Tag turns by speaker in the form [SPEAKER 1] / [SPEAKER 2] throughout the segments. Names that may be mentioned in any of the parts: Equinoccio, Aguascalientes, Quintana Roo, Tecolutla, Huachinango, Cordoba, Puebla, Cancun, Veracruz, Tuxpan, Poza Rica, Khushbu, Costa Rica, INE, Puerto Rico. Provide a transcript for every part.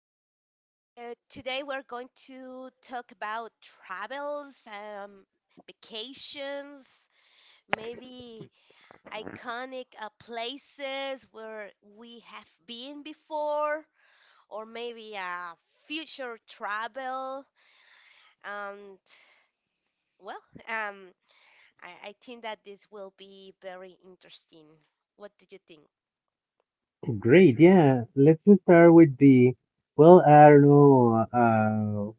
[SPEAKER 1] uh, Today we're going to talk about travels, vacations, maybe iconic places where we have been before, or maybe a future travel. And well, um, I think that this will be very interesting. What do you think?
[SPEAKER 2] Great, yeah. Let's just start with the. Well, I don't know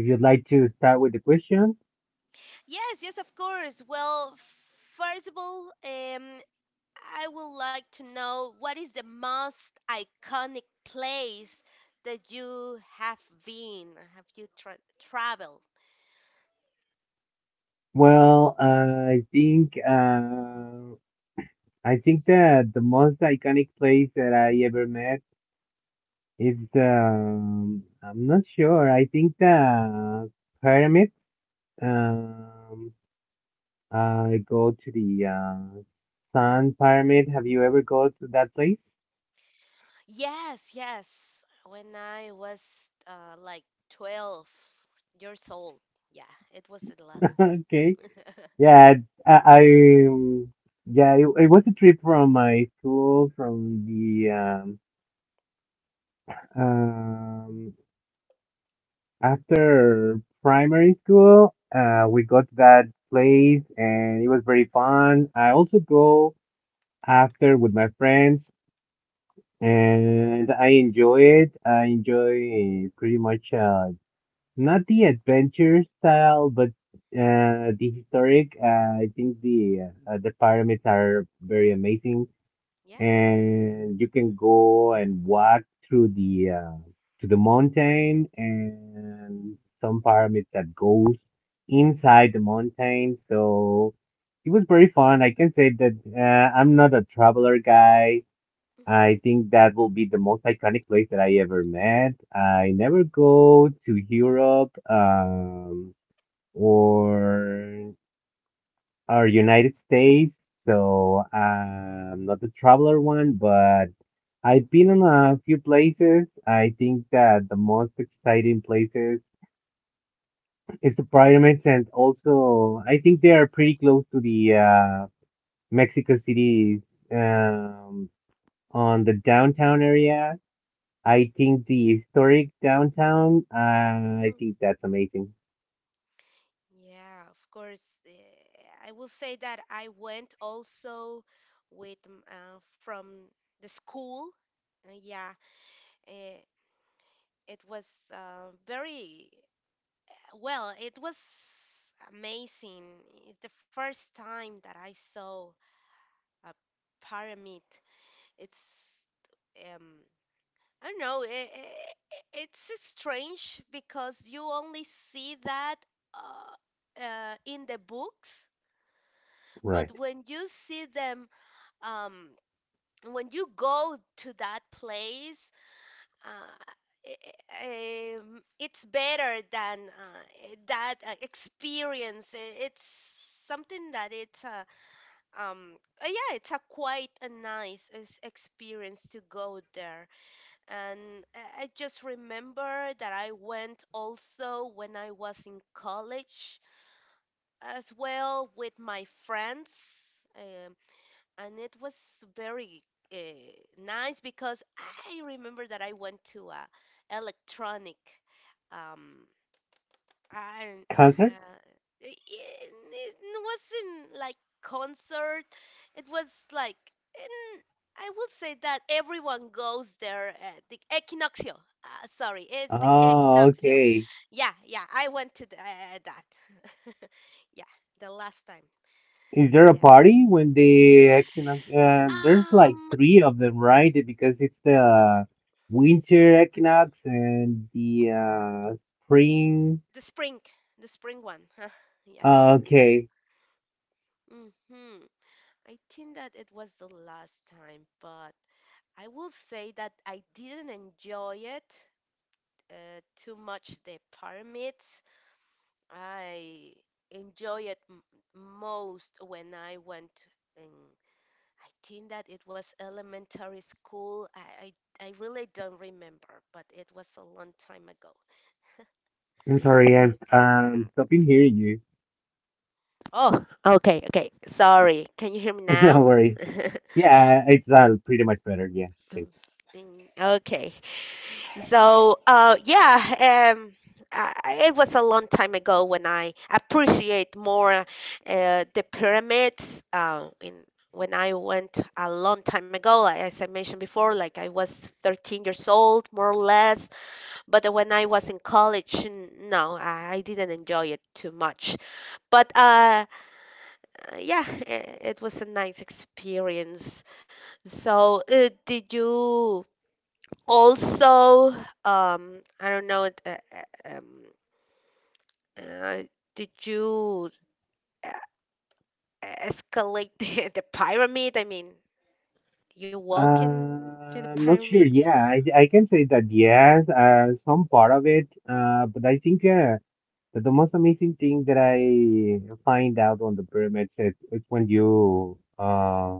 [SPEAKER 2] if you'd like to start with the question.
[SPEAKER 1] Yes, yes, of course. Well, first of all, I would like to know what is the most iconic place that you have been? Have you tra traveled?
[SPEAKER 2] Well, I think uh, I think that the most iconic place that I ever met is I'm not sure. I think the pyramids. Um, I go to the Sun Pyramid. Have you ever go to that place?
[SPEAKER 1] Yes, yes. When I was like 12 years old. Yeah, it was the last time.
[SPEAKER 2] Okay. Yeah, I um, yeah, it was a trip from my school from the um after primary school. We got to that place and it was very fun. I also go after with my friends
[SPEAKER 1] Hmm.
[SPEAKER 2] and I enjoy it. I enjoy pretty much not the adventure style, but the historic. I think the pyramids are very amazing,
[SPEAKER 1] Yeah.
[SPEAKER 2] and you can go and walk through the to the mountain and some pyramids that goes inside the mountain. So it was very fun. I can say that I'm not a traveler guy.
[SPEAKER 1] Hmm.
[SPEAKER 2] I think that will be the most iconic place that I ever met. I never go to Europe, or United States, so I'm not the traveler one, but I've been in a few places. I think that the most exciting places is the pyramids, and also I think they are pretty close to the Mexico City, um, on the downtown area. I think the historic downtown. I
[SPEAKER 1] Hmm.
[SPEAKER 2] think that's amazing.
[SPEAKER 1] Yeah, of course. I will say that I went also with from the school. Uh, yeah, uh, it was very Well, it was amazing. It's the first time that I saw a pyramid. It's um I don't know, it's strange because you only see that in the books, but
[SPEAKER 2] Right.
[SPEAKER 1] when you see them, um when you go to that place, uh, it's better than that experience. It's something that it's a... um yeah, it's a quite a nice experience to go there. And I just remember that I went also when I was in college as well with my friends. And it was very uh, nice because I remember that I went to a electronic. Um, I don't-
[SPEAKER 2] Concert?
[SPEAKER 1] uh, it wasn't like concert. It was like in, I will say that everyone goes there at the Equinoccio. Sorry, it's the
[SPEAKER 2] Oh,
[SPEAKER 1] Equinoccio.
[SPEAKER 2] okay.
[SPEAKER 1] Yeah, yeah, I went to the, that. Yeah, the last time.
[SPEAKER 2] Is there a
[SPEAKER 1] Yeah.
[SPEAKER 2] party when the equinox? There's like
[SPEAKER 1] Um.
[SPEAKER 2] three of them, right? Because it's the winter equinox and the spring.
[SPEAKER 1] The spring, the spring one. Huh? Yeah.
[SPEAKER 2] Okay,
[SPEAKER 1] Hmm. I think that it was the last time, but I will say that I didn't enjoy it too much. The pyramids. I enjoy it most when I went in. I think that it was elementary school. I really don't remember, but it was a long time ago.
[SPEAKER 2] I'm sorry, I'm stopping hearing you.
[SPEAKER 1] Oh, okay, okay. Sorry. Can you hear me
[SPEAKER 2] No
[SPEAKER 1] now?
[SPEAKER 2] worry. Yeah, it's pretty much better. Yeah,
[SPEAKER 1] Mm.
[SPEAKER 2] thanks.
[SPEAKER 1] Mm. Okay. So, yeah, it was a long time ago when I appreciate more the pyramids. In When I went a long time ago, like, as I mentioned before, like I was 13 years old, more or less. But when I was in college, no, I didn't enjoy it too much. But yeah, it was a nice experience. So, did you? Also, I don't know. Um, uh, did you uh, escalate the pyramid? I mean, you walk in to the
[SPEAKER 2] I'm not sure.
[SPEAKER 1] pyramid?
[SPEAKER 2] Yeah, I can say that yes, some part of it. But I think. But the most amazing thing that I find out on the pyramids is when you uh,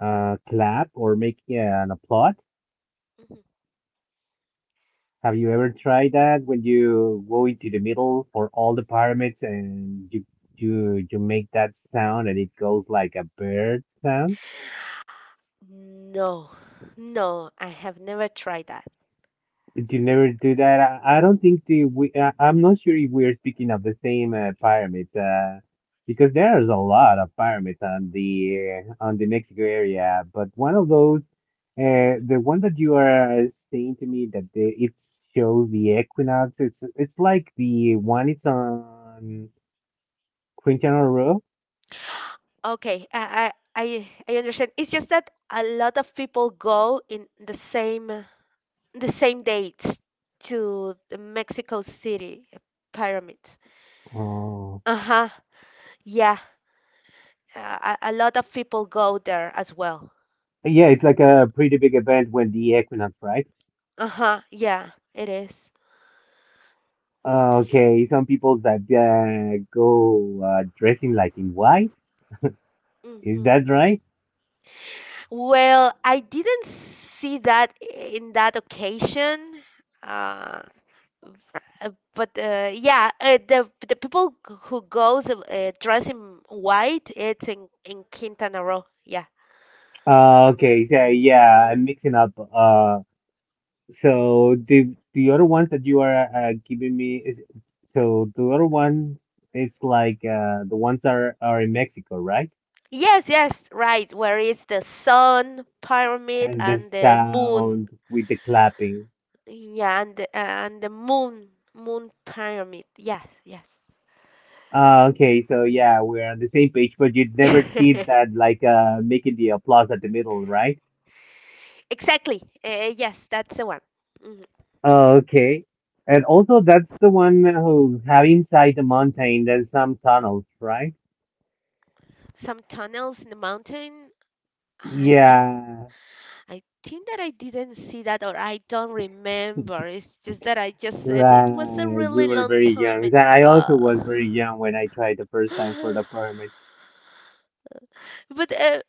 [SPEAKER 2] uh, clap or make, yeah, an applaud.
[SPEAKER 1] Mhm.
[SPEAKER 2] Have you ever tried that when you go into the middle for all the pyramids and you make that sound and it goes like a bird sound?
[SPEAKER 1] No, no, I have never tried that.
[SPEAKER 2] Did you never do that? I don't think the we. I'm not sure if we're speaking of the same pyramids, because there's a lot of pyramids on the Mexico area. But one of those,
[SPEAKER 1] Mhm.
[SPEAKER 2] the one that you are saying to me that it shows the equinox. It's like the one. It's on Quintana Roo.
[SPEAKER 1] Okay, I understand. It's just that a lot of people go in the same dates to the Mexico City pyramids.
[SPEAKER 2] Oh,
[SPEAKER 1] Uh-huh. Yeah. A lot of people go there as well.
[SPEAKER 2] yeah, it's like a pretty big event when the equinox, right?
[SPEAKER 1] Uh-huh. Yeah, it is.
[SPEAKER 2] Okay, some people that go dressing like in white. Is
[SPEAKER 1] Mhm.
[SPEAKER 2] that right?
[SPEAKER 1] Well, I didn't see that in that occasion. Uh, but yeah, the people who goes dress in white, it's in Quintana Roo. Yeah.
[SPEAKER 2] Okay, so yeah, I'm
[SPEAKER 1] Hmm.
[SPEAKER 2] mixing up. So the other ones that you are giving me is so the other ones it's like the ones that are in Mexico, right?
[SPEAKER 1] Yes, yes, right. Where is the sun pyramid
[SPEAKER 2] And the
[SPEAKER 1] and the moon?
[SPEAKER 2] sound with the clapping.
[SPEAKER 1] Yeah, and the, moon pyramid. Yes, yes.
[SPEAKER 2] Okay, so yeah, we're on the same page, but you never did that like making the applause at the middle, right?
[SPEAKER 1] Exactly. Yes, that's the one. Mhm.
[SPEAKER 2] Okay. And also that's the one who have inside the mountain there's some tunnels, right?
[SPEAKER 1] Some tunnels in the mountain. I think
[SPEAKER 2] Yeah,
[SPEAKER 1] I think that I didn't see that or I don't remember. It's just that I just said it was a
[SPEAKER 2] right. We
[SPEAKER 1] really
[SPEAKER 2] were
[SPEAKER 1] long
[SPEAKER 2] very
[SPEAKER 1] time
[SPEAKER 2] young. So I also was
[SPEAKER 1] ago.
[SPEAKER 2] very young when I tried the first time for the pyramids.
[SPEAKER 1] But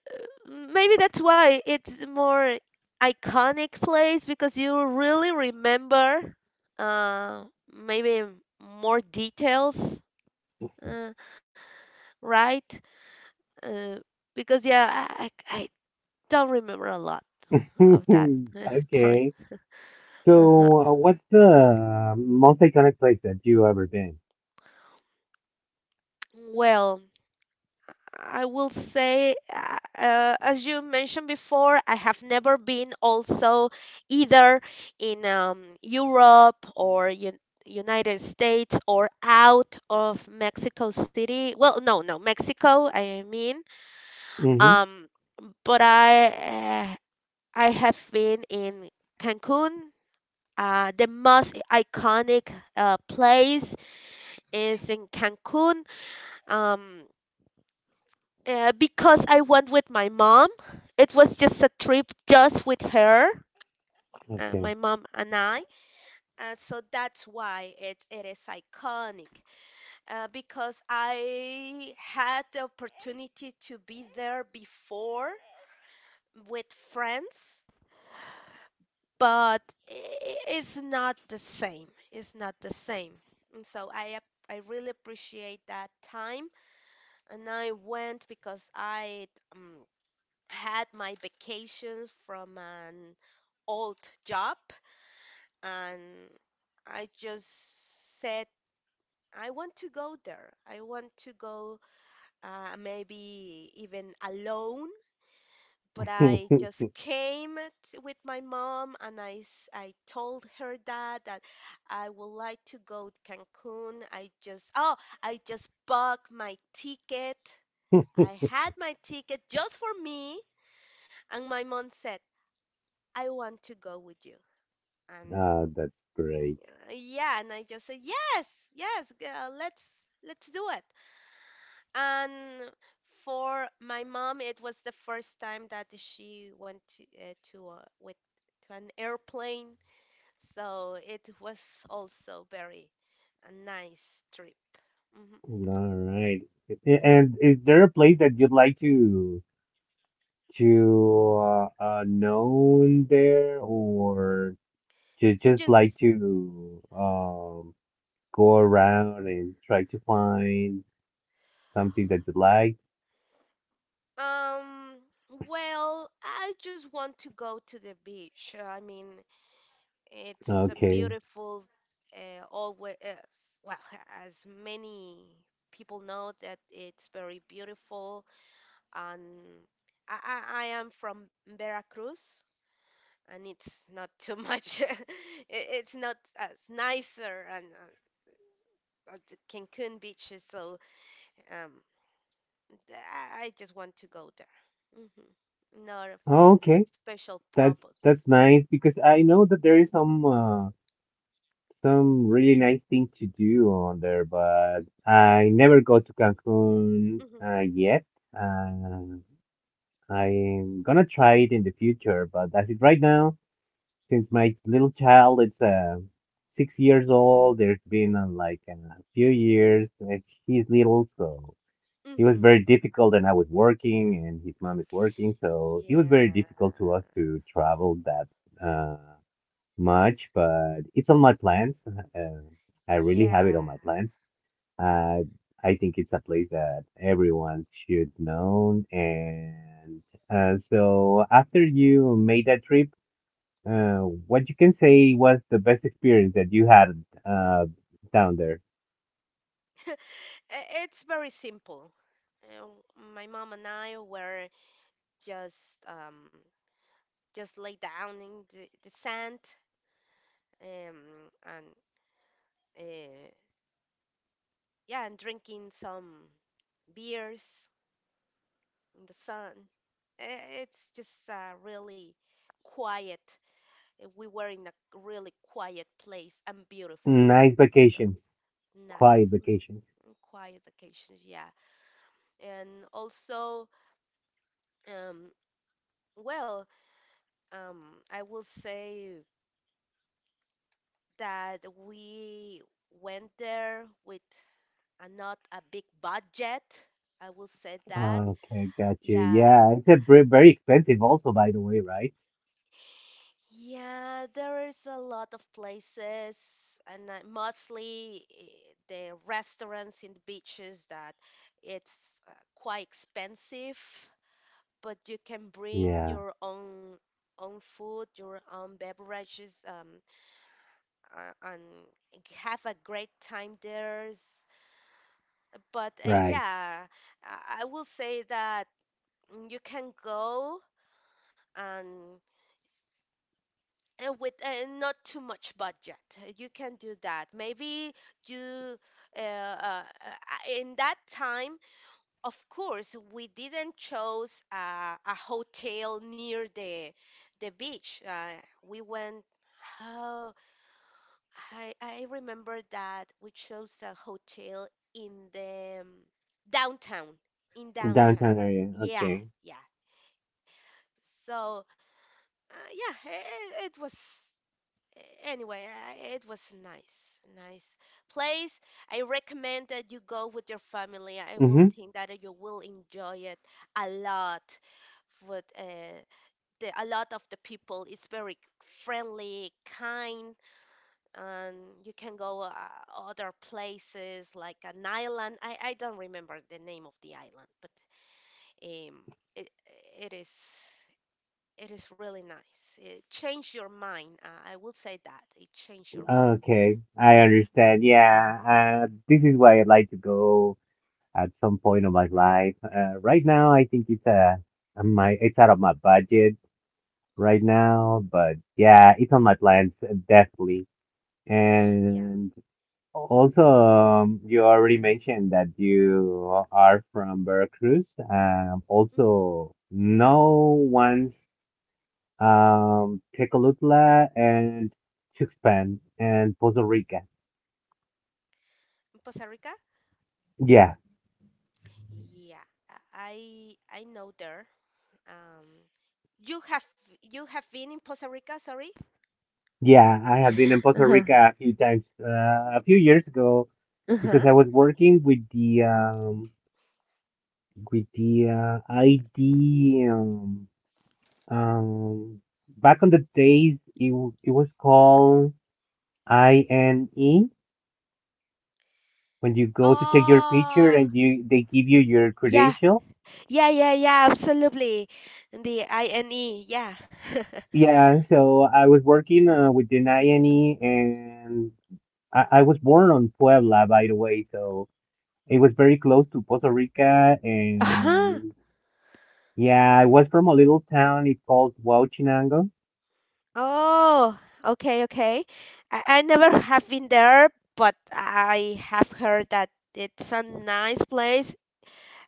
[SPEAKER 1] maybe that's why it's more iconic place because you really remember, uh, maybe more details, uh, right? Uh, because yeah, I don't remember a lot of that time.
[SPEAKER 2] Okay.
[SPEAKER 1] Uh-huh.
[SPEAKER 2] So, what's the most iconic place that you ever been?
[SPEAKER 1] Well, I will say, as you mentioned before, I have never been also either in Europe or un United States or out of Mexico City. Well, no, no, Mexico, I mean.
[SPEAKER 2] Hmm.
[SPEAKER 1] Um, but I have been in Cancun. The most iconic place is in Cancun. Um, because I went with my mom. It was just a trip just with her,
[SPEAKER 2] Okay.
[SPEAKER 1] my mom and I. So that's why it is iconic. Because I had the opportunity to be there before with friends, but it's not the same. It's not the same. And so I really appreciate that time, and I went because I um, had my vacations from an old job, and I just said I want to go there. I want to go, maybe even alone, but I just came with my mom and I, I told her that I would like to go to Cancun. I just Oh, I just bought my ticket. I had my ticket just for me, and my mom said, "I want to go with you." And
[SPEAKER 2] Ah, that's great.
[SPEAKER 1] yeah, and I just said, yes, yes, let's do it. And for my mom, it was the first time that she went to an airplane, so it was also very a nice trip. Hmm.
[SPEAKER 2] All right. And is there a place that you'd like to to know there, or to just like
[SPEAKER 1] Just
[SPEAKER 2] to go around and try to find something that you like.
[SPEAKER 1] um, well, I just want to go to the beach. I mean, it's a
[SPEAKER 2] Okay.
[SPEAKER 1] beautiful, always, well, as many people know that it's very beautiful. And I, I am from Veracruz, and it's not too much. It's not as nicer and as the Cancun beaches. So um, I just want to go there. Hmm. Not for
[SPEAKER 2] Oh, okay.
[SPEAKER 1] a special
[SPEAKER 2] That's
[SPEAKER 1] purpose.
[SPEAKER 2] that's nice because I know that there is some, some really nice thing to do on there, but I never go to Cancun
[SPEAKER 1] Hmm.
[SPEAKER 2] yet. Uh, I'm gonna try it in the future, but as it right now, since my little child is 6 years old, there's been like a few years and he's little, so. He was
[SPEAKER 1] Hmm.
[SPEAKER 2] very difficult and I was working and his mom is working, so it was very
[SPEAKER 1] Yeah.
[SPEAKER 2] difficult to us to travel that uh, much, but it's on my plans. I really have it on
[SPEAKER 1] Yeah.
[SPEAKER 2] my plans. Uh, I think it's a place that everyone should know. And so after you made that trip, uh, what you can say was the best experience that you had down there?
[SPEAKER 1] It's very simple. Uh, my mom and I were just um, just lay down in the sand, um, and uh, yeah, and drinking some beers in the sun. It's just really quiet. We were in a really quiet place and beautiful.
[SPEAKER 2] Nice
[SPEAKER 1] So
[SPEAKER 2] vacations, quiet
[SPEAKER 1] nice. Mhm.
[SPEAKER 2] vacations.
[SPEAKER 1] And quiet vacations, yeah. And also, um, well, I will say that we went there with a, not a big budget. I will say that.
[SPEAKER 2] Okay, got you.
[SPEAKER 1] Yeah.
[SPEAKER 2] Yeah, it's a very, very expensive also, by the way, right?
[SPEAKER 1] Yeah, there is a lot of places, and mostly the restaurants in the beaches that it's quite expensive, but you can bring
[SPEAKER 2] Yeah,
[SPEAKER 1] your own food, your own beverages. And have a great time there. But
[SPEAKER 2] right.
[SPEAKER 1] yeah, I will say that you can go and, and, with not too much budget. You can do that. Maybe you uh, in that time, of course, we didn't choose a hotel near the beach. We went. I remember that we chose a hotel in the downtown, in downtown.
[SPEAKER 2] Downtown area.
[SPEAKER 1] Yeah,
[SPEAKER 2] Okay.
[SPEAKER 1] yeah. So, yeah, it was anyway, it was nice, nice place. I recommend that you go with your family. I will
[SPEAKER 2] Mm-hmm.
[SPEAKER 1] think that you will enjoy it a lot with a lot of the people. It's very friendly, kind, and you can go other places like an island. I don't remember the name of the island, but um, it, it is it is really nice. It changed your mind. I will say that it changed your mind.
[SPEAKER 2] Okay, I understand. Yeah, this is why I'd like to go at some point of my life. Right now, I think it's my it's out of my budget
[SPEAKER 1] Mm.
[SPEAKER 2] right now, but yeah, it's on my plans, definitely.
[SPEAKER 1] Yeah.
[SPEAKER 2] And also, you already mentioned that you are from Veracruz.
[SPEAKER 1] Mm,
[SPEAKER 2] Also, know ones, Tecolutla and Tuxpan and Poza Rica.
[SPEAKER 1] in Costa Rica?
[SPEAKER 2] Yeah,
[SPEAKER 1] Yeah. I know there. Um, you have You have been in Costa Rica, sorry?
[SPEAKER 2] yeah, I have been in Poza
[SPEAKER 1] Uh-huh.
[SPEAKER 2] Rica a few times, a few years ago,
[SPEAKER 1] Uh-huh.
[SPEAKER 2] because I was working with the, with the ID, um, back on the days it was called INE when you go to take your picture
[SPEAKER 1] Oh,
[SPEAKER 2] and you they give you your
[SPEAKER 1] yeah.
[SPEAKER 2] credential.
[SPEAKER 1] Yeah, yeah, yeah, absolutely. The INE, yeah.
[SPEAKER 2] Yeah, so I was working with an INE, and I was born on Puebla, by the way, so it was very close to Costa Rica.
[SPEAKER 1] Uh-huh.
[SPEAKER 2] And yeah, I was from a little town. It's called Huachinango,
[SPEAKER 1] Oh, okay, okay. I never have been there, but I have heard that it's a nice place.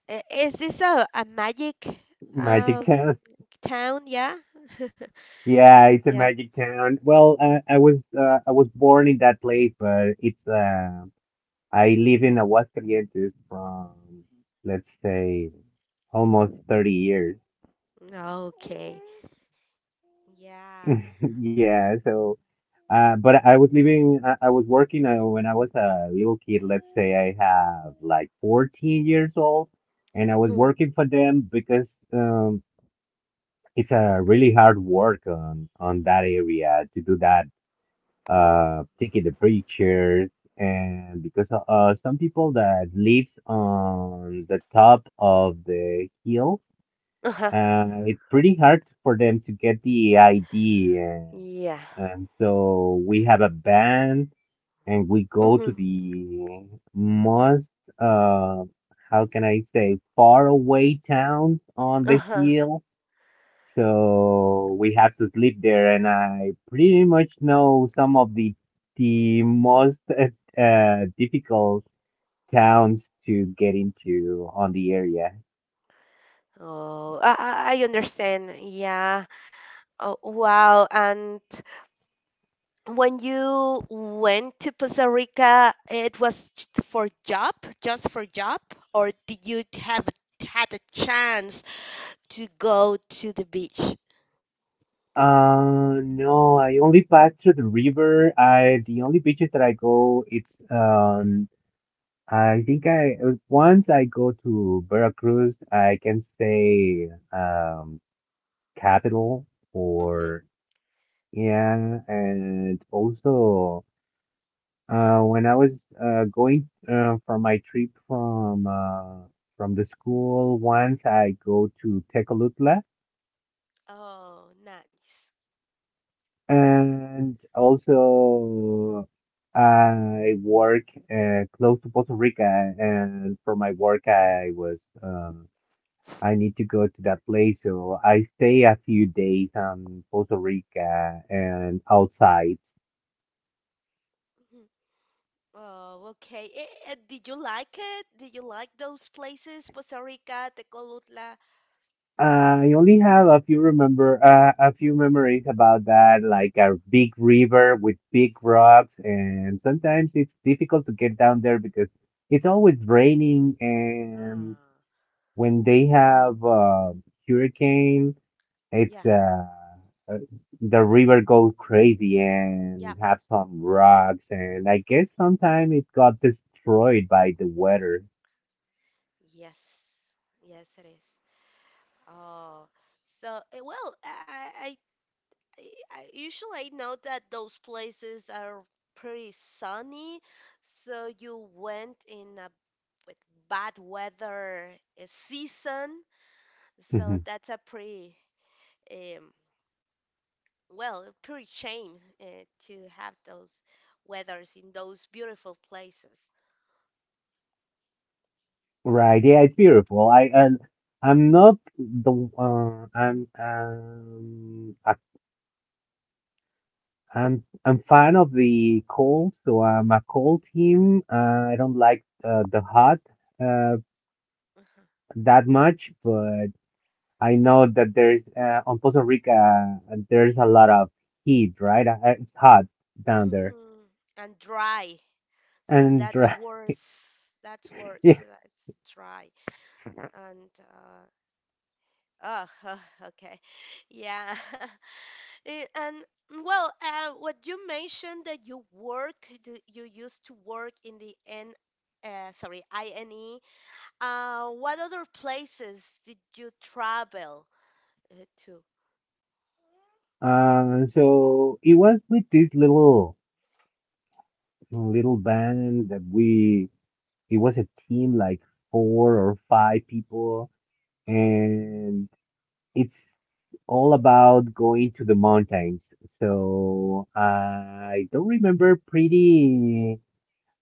[SPEAKER 1] Is this a magic
[SPEAKER 2] Magic
[SPEAKER 1] um
[SPEAKER 2] Town.
[SPEAKER 1] town? Yeah.
[SPEAKER 2] Yeah, it's a
[SPEAKER 1] Yeah.
[SPEAKER 2] magic town. Well, I was born in that place, but it's I live in Aguascalientes from, let's say, almost 30 years.
[SPEAKER 1] Okay. Yeah.
[SPEAKER 2] Yeah, so, but I was working when I was a little kid. Let's say I have like 14 years old, and I was
[SPEAKER 1] Hmm.
[SPEAKER 2] working for them because, it's a really hard work on that area to do that,
[SPEAKER 1] Oh.
[SPEAKER 2] taking the pictures, and because some people that lives on the top of the hills,
[SPEAKER 1] Uh-huh.
[SPEAKER 2] it's pretty hard for them to get the ID, and,
[SPEAKER 1] Yeah.
[SPEAKER 2] and so we have a band, and we go
[SPEAKER 1] Mm-hmm.
[SPEAKER 2] to the most, uh, how can I say, far away towns on the
[SPEAKER 1] Uh-huh.
[SPEAKER 2] hills, so we have to sleep there, and I pretty much know some of the most difficult towns to get into on the area.
[SPEAKER 1] Oh, I understand. Yeah. Oh, wow. And when you went to Costa Rica, it was for job, just for job, or did you have had a chance to go to the beach?
[SPEAKER 2] No, I only pass through the river. I The only beaches that I go, it's I think I once I go to Veracruz, I can say, capital,
[SPEAKER 1] Hmm.
[SPEAKER 2] or yeah, and also. When I was going for my trip from the school once, I go to Tecolutla,
[SPEAKER 1] Oh, nice.
[SPEAKER 2] and also I work close to Puerto Rico, and for my work, I need to go to that place, so I stay a few days on Puerto Rico and outside.
[SPEAKER 1] Mhm. Oh, okay. Did you like it? Did you like those places? Costa Rica, Tecolutla?
[SPEAKER 2] I only have a few remember a few memories about that, like a big river with big rocks, and sometimes it's difficult to get down there because it's always raining, and
[SPEAKER 1] Ah,
[SPEAKER 2] when they have hurricane, it's
[SPEAKER 1] yeah,
[SPEAKER 2] uh, the river goes crazy and
[SPEAKER 1] yeah.
[SPEAKER 2] have some rocks, and I guess sometime it got destroyed by the weather.
[SPEAKER 1] Yes, yes, it is. Oh, so well, I, usually I know that those places are pretty sunny, so you went in a with bad weather season, so that's a pretty um well, pretty shame to have those weathers in those beautiful places.
[SPEAKER 2] Right. Yeah, it's beautiful. I and I'm not the I'm I, I'm fan of the cold, so I'm a cold team. I don't like the hot uh that much, but I know that there's, on Costa Rica, there's a lot of heat, right? It's hot down there,
[SPEAKER 1] Mm-hmm. And dry. So
[SPEAKER 2] and
[SPEAKER 1] that's
[SPEAKER 2] right,
[SPEAKER 1] worse. That's
[SPEAKER 2] yeah.
[SPEAKER 1] worse. That's dry. And oh, okay. Yeah. And well, what you mentioned that you work, you used to work in sorry, INE. What other places did you travel to?
[SPEAKER 2] So it was with this little band that we it was a team like four or five people,
[SPEAKER 1] Hmm.
[SPEAKER 2] and it's all about going to the mountains. So I don't remember pretty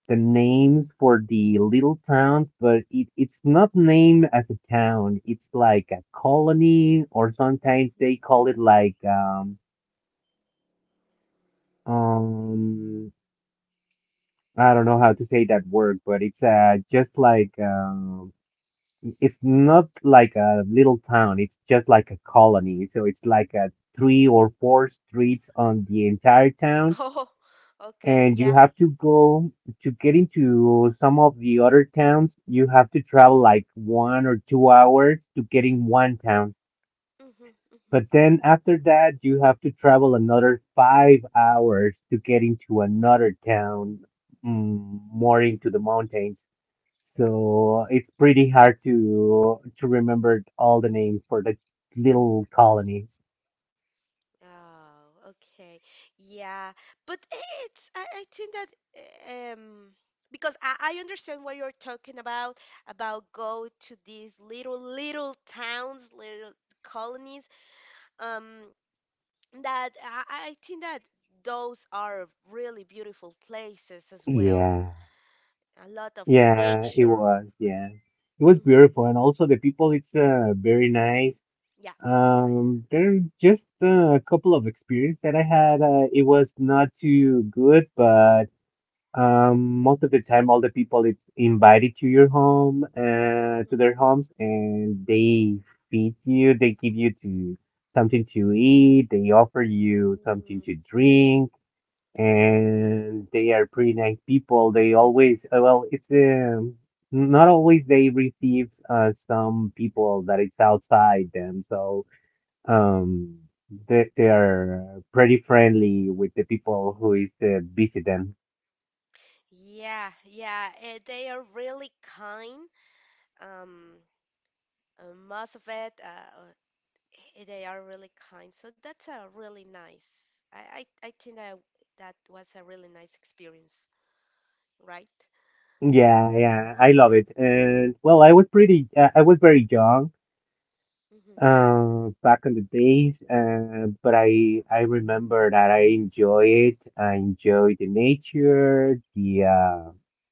[SPEAKER 2] the names for the little towns, but it's not named as a town. It's like a colony, or sometimes they
[SPEAKER 1] Hmm.
[SPEAKER 2] call it like um I don't know how to say that word, but it's just like it's not like a little town. It's just like a colony. So it's like a three or four streets on the entire town.
[SPEAKER 1] Oh, okay,
[SPEAKER 2] And you
[SPEAKER 1] yeah.
[SPEAKER 2] have to go to get into some of the other towns. You have to travel like 1 or 2 hours to get in one town.
[SPEAKER 1] Hmm. Hmm.
[SPEAKER 2] But then after that, you have to travel another 5 hours to get into another town, more into the mountains. So it's pretty hard to remember all the names for the little colonies.
[SPEAKER 1] Oh, okay. Yeah. But it's I think that because I understand what you're talking about go to these little towns, little colonies. Um that I think that those are really beautiful places as well.
[SPEAKER 2] Yeah,
[SPEAKER 1] A lot of
[SPEAKER 2] yeah, it
[SPEAKER 1] nature.
[SPEAKER 2] was. Yeah, it was
[SPEAKER 1] Hmm.
[SPEAKER 2] beautiful, and also the people. It's very nice.
[SPEAKER 1] Yeah. I,
[SPEAKER 2] There are just a couple of experience that I had. It was not too good, but most of the time, all the people it's invited to your home,
[SPEAKER 1] Mhm.
[SPEAKER 2] to their homes, and they feed you. They give you to something to eat. They offer you something
[SPEAKER 1] Mhm.
[SPEAKER 2] to drink, and they are pretty nice people. They always, well, it's, not always they receive some people that it's outside them. So, um, they are pretty friendly with the people who is visit them.
[SPEAKER 1] Yeah, yeah, they are really kind. Um, Most of it, they are really kind, so that's a really nice I think that was a really nice experience, right?
[SPEAKER 2] Yeah, yeah, I love it. And well, I was I was very young,
[SPEAKER 1] Mm-hmm.
[SPEAKER 2] back in the days, but I remember that I enjoy it. I enjoy the nature, the uh,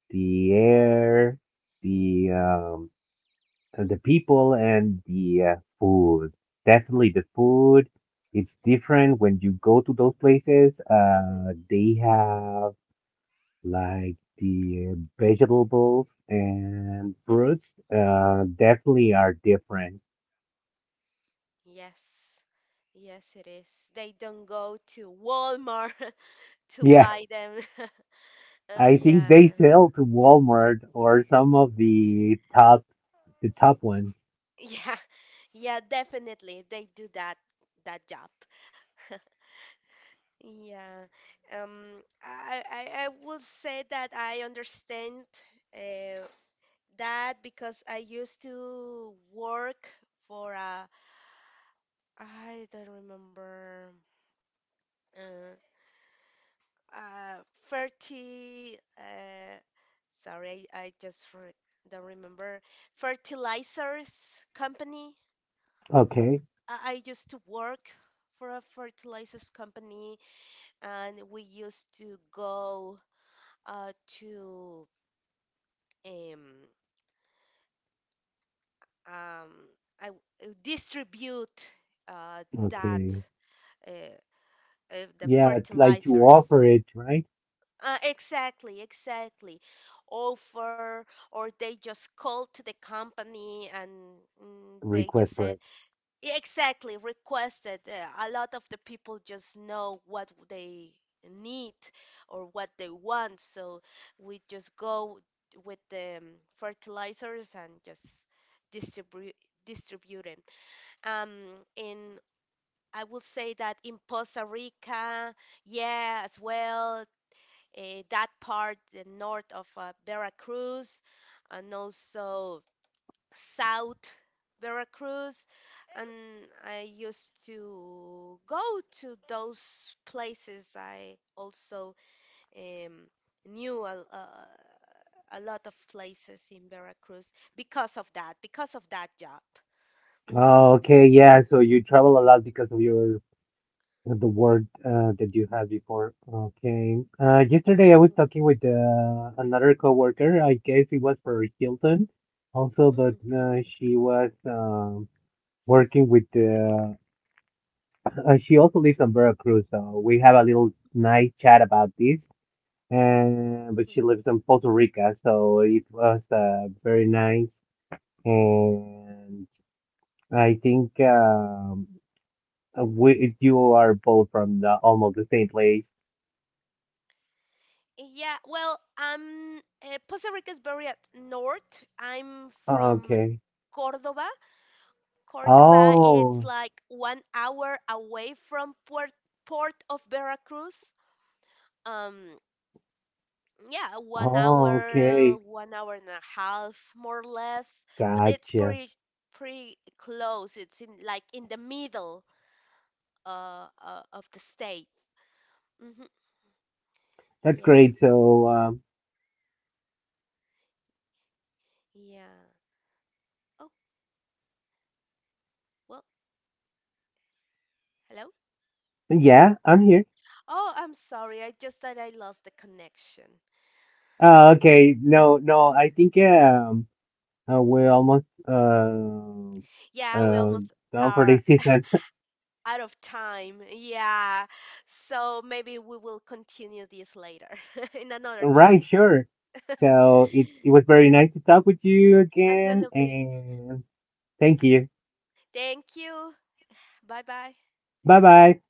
[SPEAKER 2] the air, the and the people, and the food. Definitely the food. It's different when you go to those places.
[SPEAKER 1] Mm-hmm.
[SPEAKER 2] They have like the vegetables and
[SPEAKER 1] Mm-hmm.
[SPEAKER 2] fruits, definitely are different.
[SPEAKER 1] Yes, yes, it is. They don't go to Walmart to
[SPEAKER 2] Yeah,
[SPEAKER 1] buy them.
[SPEAKER 2] I think
[SPEAKER 1] Yeah.
[SPEAKER 2] they sell to Walmart or some of the top ones.
[SPEAKER 1] Yeah. Yeah, definitely they do that job. Yeah. um I will say that I understand, uh, that because I used to work for a... I don't remember, uh, uh 30, sorry, don't remember, fertilizers company.
[SPEAKER 2] Okay,
[SPEAKER 1] I used to work for a fertilizers company, and we used to go uh to um um I distribute uh that
[SPEAKER 2] okay.
[SPEAKER 1] uh, the
[SPEAKER 2] Yeah, like to
[SPEAKER 1] fertilizers.
[SPEAKER 2] offer it, right?
[SPEAKER 1] Exactly, exactly. Offer, or they just called to the company and they just
[SPEAKER 2] Request
[SPEAKER 1] said,
[SPEAKER 2] for it.
[SPEAKER 1] yeah, exactly, requested. A lot of the people just know what they need or what they want. So we just go with the fertilizers and just distribute distribute it. Um, in I would say that in Costa Rica, yeah, as well, that part, the north of Veracruz, and also south Veracruz. And I used to go to those places. I also um, knew a lot of places in Veracruz because of that job. Hmm.
[SPEAKER 2] Oh, okay, yeah. So you travel a lot because of your the word that you had before. Okay. Yesterday I
[SPEAKER 1] Hmm.
[SPEAKER 2] was talking with another coworker. I guess it was for Hilton, also,
[SPEAKER 1] Hmm.
[SPEAKER 2] but she was working with. She also lives on Veracruz, so we have a little nice chat about this. And but she
[SPEAKER 1] Hmm.
[SPEAKER 2] lives in Puerto Rico, so it was very nice. And I think, you are both from almost the same place.
[SPEAKER 1] Yeah, well, Costa Rica is very at north. I'm from
[SPEAKER 2] Okay.
[SPEAKER 1] Cordoba. Cordoba, it's
[SPEAKER 2] Oh,
[SPEAKER 1] like 1 hour away from port of Veracruz. Um, yeah, one
[SPEAKER 2] oh,
[SPEAKER 1] hour,
[SPEAKER 2] okay.
[SPEAKER 1] 1 hour and a half, more or less. But it's
[SPEAKER 2] Gotcha.
[SPEAKER 1] pretty close. It's in like in the middle of the state. Hmm.
[SPEAKER 2] That's
[SPEAKER 1] Yeah,
[SPEAKER 2] great. So,
[SPEAKER 1] yeah. Oh, well, hello.
[SPEAKER 2] yeah, I'm here.
[SPEAKER 1] Oh, I'm sorry. I just thought I lost the connection.
[SPEAKER 2] Okay. No, no, I think, we're almost,
[SPEAKER 1] Yeah, we
[SPEAKER 2] uh,
[SPEAKER 1] almost
[SPEAKER 2] done for
[SPEAKER 1] are
[SPEAKER 2] this season.
[SPEAKER 1] out of time. Yeah. So maybe we will continue this later in another time.
[SPEAKER 2] Right, sure. So it was very nice to talk with you again,
[SPEAKER 1] Absolutely.
[SPEAKER 2] and thank you.
[SPEAKER 1] Thank you. Bye bye.
[SPEAKER 2] Bye bye.